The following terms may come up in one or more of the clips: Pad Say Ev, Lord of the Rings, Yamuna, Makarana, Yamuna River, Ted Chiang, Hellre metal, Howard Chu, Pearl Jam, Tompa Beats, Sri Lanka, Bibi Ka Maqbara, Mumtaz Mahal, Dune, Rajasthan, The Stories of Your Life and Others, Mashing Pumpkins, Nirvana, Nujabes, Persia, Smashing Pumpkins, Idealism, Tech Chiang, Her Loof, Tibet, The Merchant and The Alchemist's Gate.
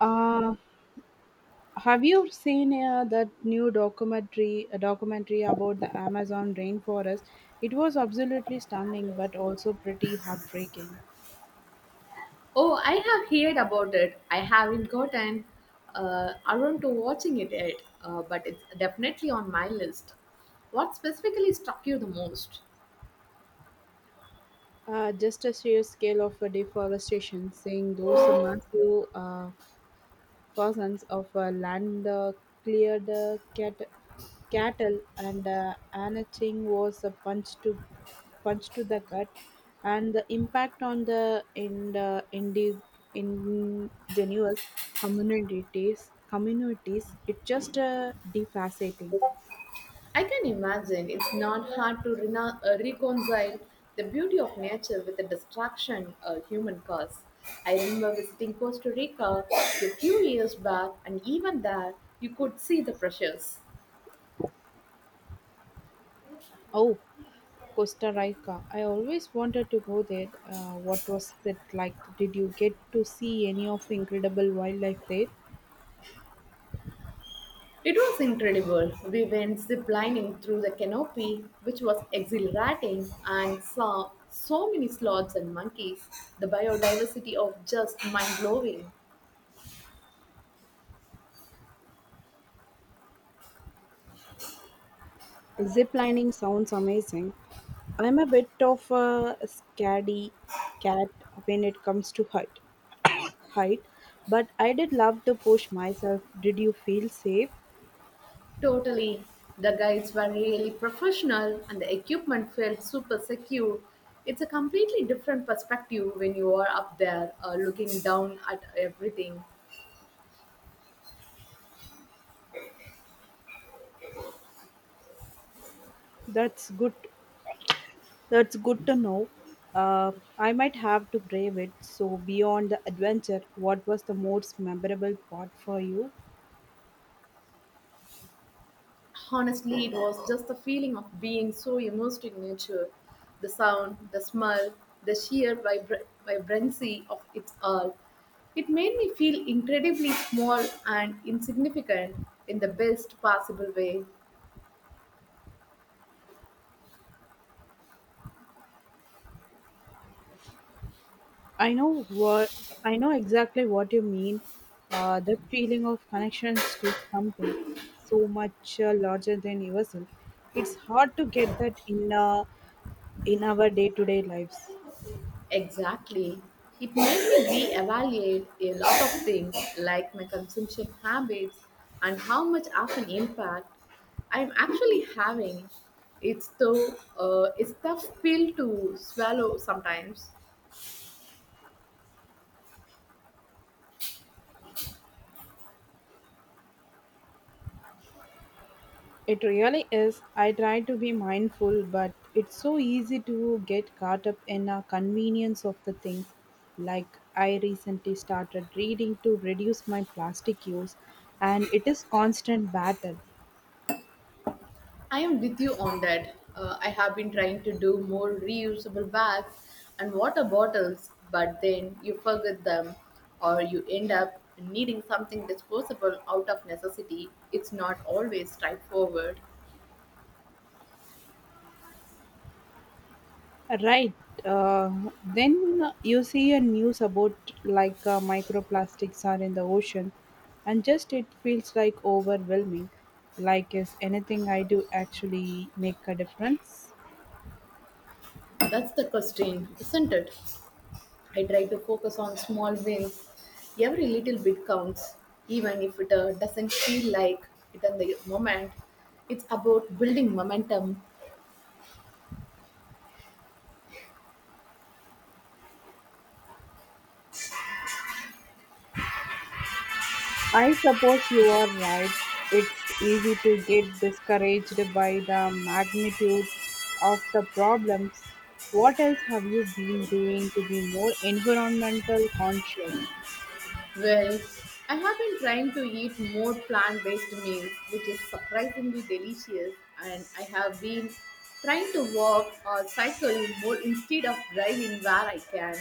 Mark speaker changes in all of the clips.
Speaker 1: Uh, have you seen that new documentary a documentary about the Amazon rainforest? It was absolutely stunning, but also pretty heartbreaking.
Speaker 2: Oh, I have heard about it. I haven't gotten around to watching it yet, but it's definitely on my list. What specifically struck you the most?
Speaker 1: Just a sheer scale of deforestation, seeing those massive thousands of land cleared uh, cat- cattle and anything was a punch to the gut and the impact on the indigenous communities, it just defaceting
Speaker 2: I can imagine it's not hard to reconcile the beauty of nature with the distraction human cause. I remember visiting Costa Rica a few years back, and even there, you could see the pressures.
Speaker 1: oh, Costa Rica, I always wanted to go there. What was it like? Did you get to see any of incredible wildlife there?
Speaker 2: It was incredible. We went ziplining through the canopy, which was exhilarating, and saw so many sloths and monkeys. The biodiversity of just mind blowing.
Speaker 1: Zip lining sounds amazing. I'm a bit of a scaredy cat when it comes to height, but I did love to push myself. Did you feel safe?
Speaker 2: Totally. The guides were really professional, and the equipment felt super secure. It's a completely different perspective when you are up there looking down at everything.
Speaker 1: That's good. That's good to know. Uh, I might have to brave it. So beyond the adventure, what was the most memorable part for you?
Speaker 2: Honestly, it was just the feeling of being so immersed in nature, the sound, the smell, the sheer vibrancy of it all. It made me feel incredibly small and insignificant in the best possible way.
Speaker 1: I know what I know exactly what you mean. The feeling of connections to something so much larger than yourself. It's hard to get that in our day-to-day lives.
Speaker 2: Exactly. It made me reevaluate a lot of things like my consumption habits and how much of an impact I'm actually having. It's though it's tough pill to swallow sometimes.
Speaker 1: It really is. I try to be mindful, but it's so easy to get caught up in the convenience of the things. Like, I recently started reading to reduce my plastic use, and it is constant battle.
Speaker 2: I am with you on that. I have been trying to do more reusable bags and water bottles, but then you forget them or you end up needing something disposable out of necessity. It's not always straightforward.
Speaker 1: Right. uh, then you see a news about, like, microplastics are in the ocean, and just it feels like overwhelming. Like, is anything I do actually make a difference?
Speaker 2: That's the constraint, isn't it? I try to focus on small wins. Every little bit counts, even if it doesn't feel like it in the moment. It's about building momentum.
Speaker 1: I suppose you are right. It's easy to get discouraged by the magnitude of the problems. What else have you been doing to be more environmental conscious?
Speaker 2: Well, I have been trying to eat more plant based meals, which is surprisingly delicious, and I have been trying to walk or cycle more instead of driving where I can.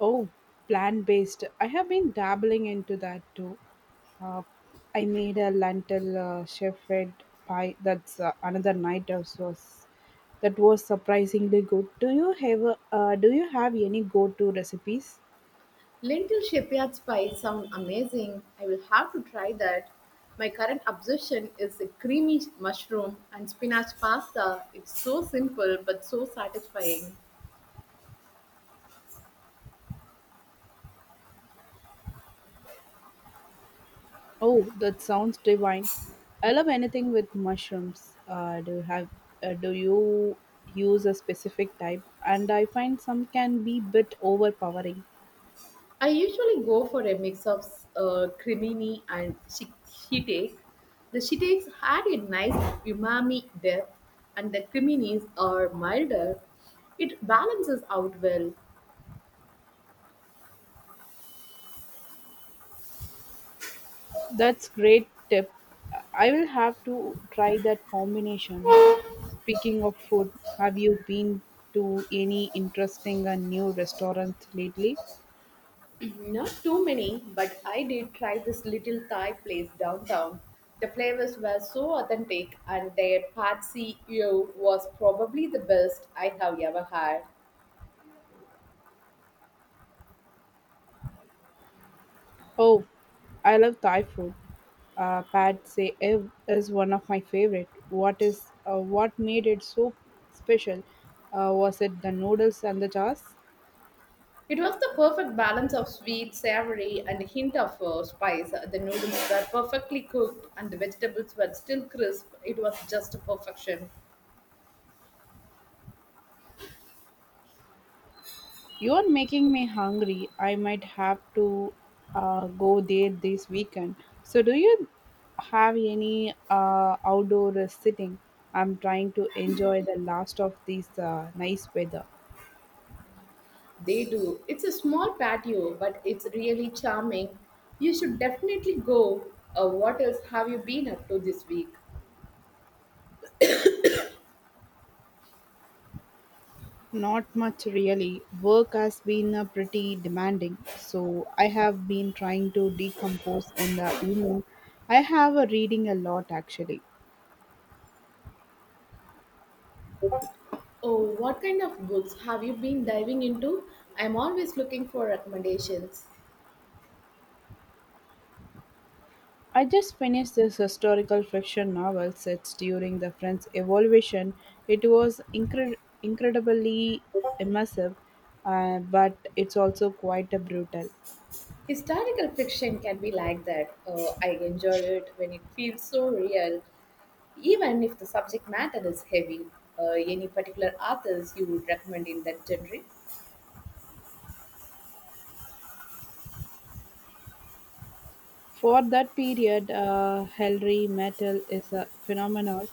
Speaker 1: Oh, plant based. I have been dabbling into that too. Uh, I made a lentil shepherd pie. That's another night of sauce. That was surprisingly good. Do you have any go to recipes?
Speaker 2: Lentil shepherd's pie sound amazing. I will have to try that. My current obsession is the creamy mushroom and spinach pasta. It's so simple but so satisfying.
Speaker 1: Oh, that sounds divine. I love anything with mushrooms. Uh, do you use a specific type? And I find some can be bit overpowering.
Speaker 2: I usually go for a mix of cremini and shiitake. The shiitakes had a nice umami depth, and the creminis are milder. It balances out well.
Speaker 1: That's great tip. I will have to try that combinations. Speaking of food, have you been to any interesting and new restaurants lately?
Speaker 2: Not too many, but I did try this little Thai place downtown. The flavors were so authentic, and their pad see ew was probably the best I have ever had.
Speaker 1: Oh, I love Thai food. Pad Say Ev is one of my favorite. What is what made it so special? Was it the noodles and the jars?
Speaker 2: It was the perfect balance of sweet, savory, and a hint of spice. The noodles were perfectly cooked, and the vegetables were still crisp. It was just perfection.
Speaker 1: You are making me hungry. I might have to go there this weekend. So, do you have any outdoor sitting? I'm trying to enjoy the last of this nice weather.
Speaker 2: They do. It's a small patio, but it's really charming. You should definitely go. What else have you been up to this week?
Speaker 1: Not much really. Work has been pretty demanding, so I have been trying to decompose in the evening. I have a reading a lot actually.
Speaker 2: Oh, what kind of books have you been diving into? I'm always looking for recommendations.
Speaker 1: I just finished this historical fiction novel set during the French Evolution. It was incredibly immersive, but it's also quite a brutal.
Speaker 2: Historical fiction can be like that. I enjoy it when it feels so real, even if the subject matter is heavy. Any particular authors you would recommend in that genre?
Speaker 1: For that period, Hellre metal is a phenomenon.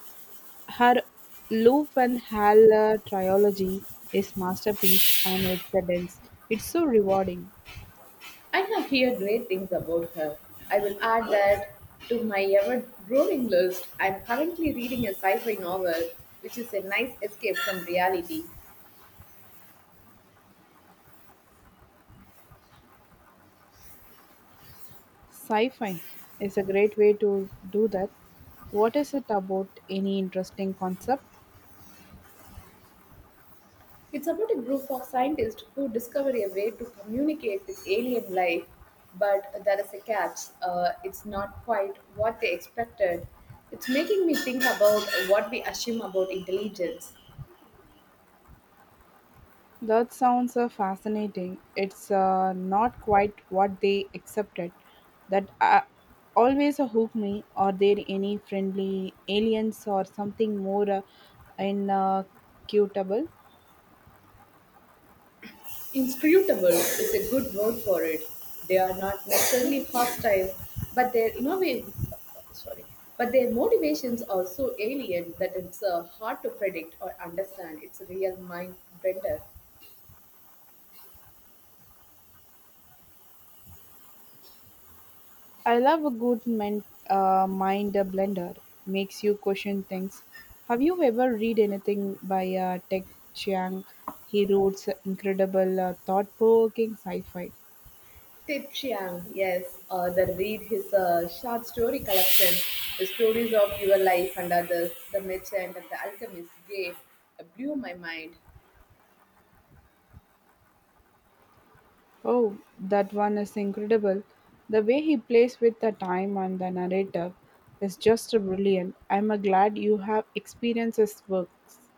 Speaker 1: Her Loof and Hell trilogy is masterpiece and it's a dense. It's so rewarding.
Speaker 2: I have heard great things about her. I will add that to my ever-growing list. I'm currently reading a sci-fi novel, which is a nice escape from reality.
Speaker 1: Sci-fi is a great way to do that. What is it about any interesting concept?
Speaker 2: It's about a group of scientists who discover a way to communicate with alien life, but there is a catch. It's not quite what they expected. It's making me think about what we assume about intelligence.
Speaker 1: That sounds fascinating. It's not quite what they accepted. That always hook me. Are there any friendly aliens or something more inacutable?
Speaker 2: Inscrutable is a good word for it. They are not necessarily hostile, but their innovative, sorry, but their motivations are so alien that it's hard to predict or understand. It's a real mind bender.
Speaker 1: I love a good mind blender. Makes you question things. Have you ever read anything by Tech Chiang? He writes incredible, thought-provoking sci-fi.
Speaker 2: Ted Chiang, yes, author. Read his short story collection, The Stories of Your Life and Others, The Merchant and The Alchemist, Gate, blew my mind.
Speaker 1: Oh, that one is incredible. The way he plays with the time and the narrative is just brilliant. I'm glad you have experienced his works.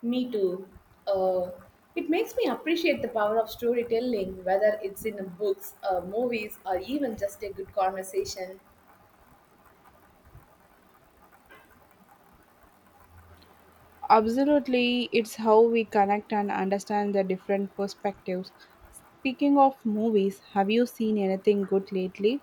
Speaker 2: Me too. Uh, it makes me appreciate the power of storytelling, whether it's in books, movies, or even just a good conversation.
Speaker 1: Absolutely, it's how we connect and understand the different perspectives. Speaking of movies, have you seen anything good lately?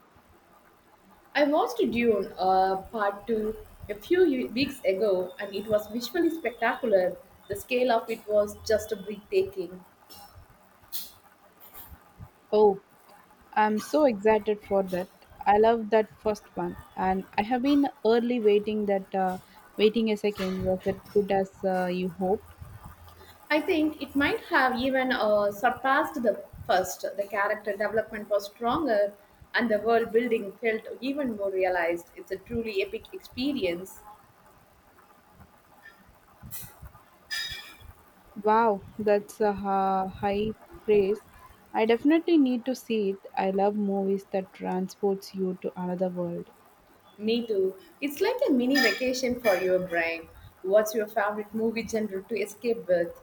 Speaker 2: I watched Dune Part 2 a weeks ago, and it was visually spectacular. The scale of it was just breathtaking.
Speaker 1: Oh, I'm so excited for that. I love that first one, and I have been early waiting that waiting a second. Was it good as you hoped?
Speaker 2: I think it might have even surpassed the first. The character development was stronger, and the world building felt even more realized. It's a truly epic experience.
Speaker 1: Wow, that's a high praise. I definitely need to see it. I love movies that transports you to another world.
Speaker 2: Me too. It's like a mini vacation for your brain. What's your favorite movie genre to escape with?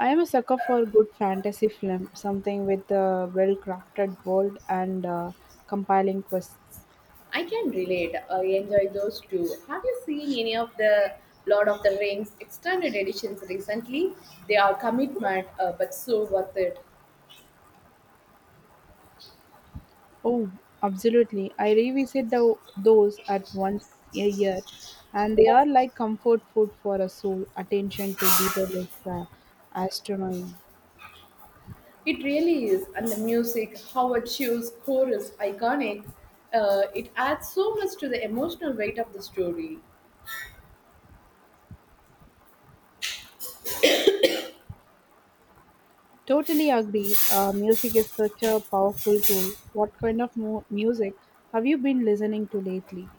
Speaker 1: I am a sucker for good fantasy film, something with a well-crafted world and compelling quests.
Speaker 2: I can relate. I enjoy those too. Have you seen any of the Lord of the Rings extended editions recently? They are commitment, but so worth it.
Speaker 1: Oh, absolutely. I revisit those at once a year, and they are like comfort food for a soul. Attention to detail is astronomy.
Speaker 2: It really is, and the music, Howard Chu's score is iconic. It adds so much to the emotional weight of the story.
Speaker 1: Totally agree. Music is such a powerful tool. What kind of music have you been listening to lately?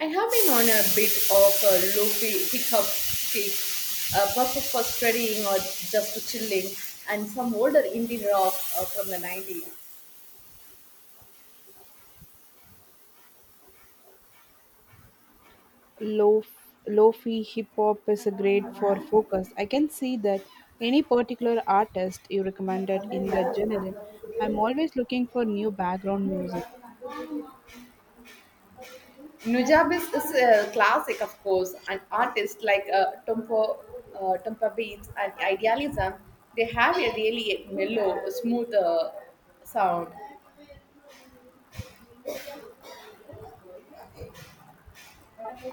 Speaker 2: I have been on a bit of a loopy hiccup kick, but for studying or just for chilling, and some older indie rock from the 90s.
Speaker 1: Lo- Lofi hip hop is a great for focus. I can see that any particular artist you recommended in that genre. I'm always looking for new background music.
Speaker 2: Nujabes is a classic, of course, and artists like Tompa Beats and Idealism, they have a really mellow, smooth sound.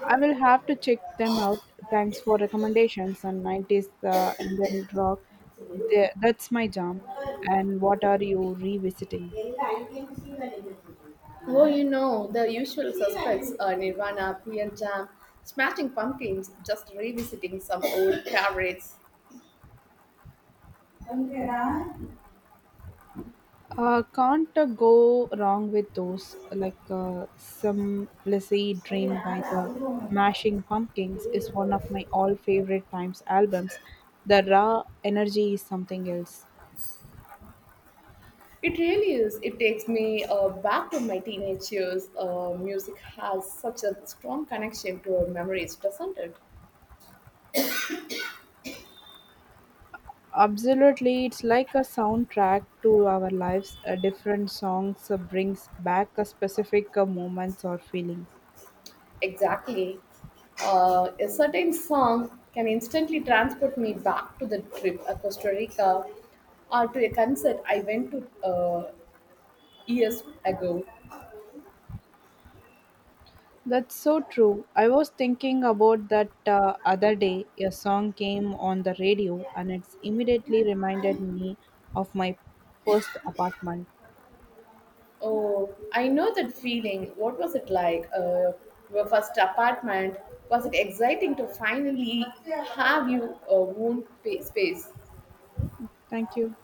Speaker 1: I will have to check them out. Thanks for recommendations. And 90s and then rock. That's my jam. And what are you revisiting?
Speaker 2: எல்லா IBM serial எடுத்துருக்காங்க. Oh, you know, the usual serial suspects are Nirvana, Pearl Jam, Smashing Pumpkins, just revisiting some old favorites.
Speaker 1: Can't go wrong with those. Like, some lazy dream by the Mashing Pumpkins is one of my all favorite times albums. The raw energy is something else.
Speaker 2: It really is. It takes me back to my teenage years. Music has such a strong connection to our memories, doesn't it?
Speaker 1: Absolutely, it's like a soundtrack to our lives. Different songs brings back a specific moments or feelings.
Speaker 2: Exactly. A certain song can instantly transport me back to the trip to Costa Rica or to a concert I went to uh, years ago.
Speaker 1: That's so true. I was thinking about that other day. A song came on the radio and it's immediately reminded me of my first apartment.
Speaker 2: Oh, I know that feeling. What was it like? Your first apartment? Was it exciting to finally have your own space?
Speaker 1: Thank you.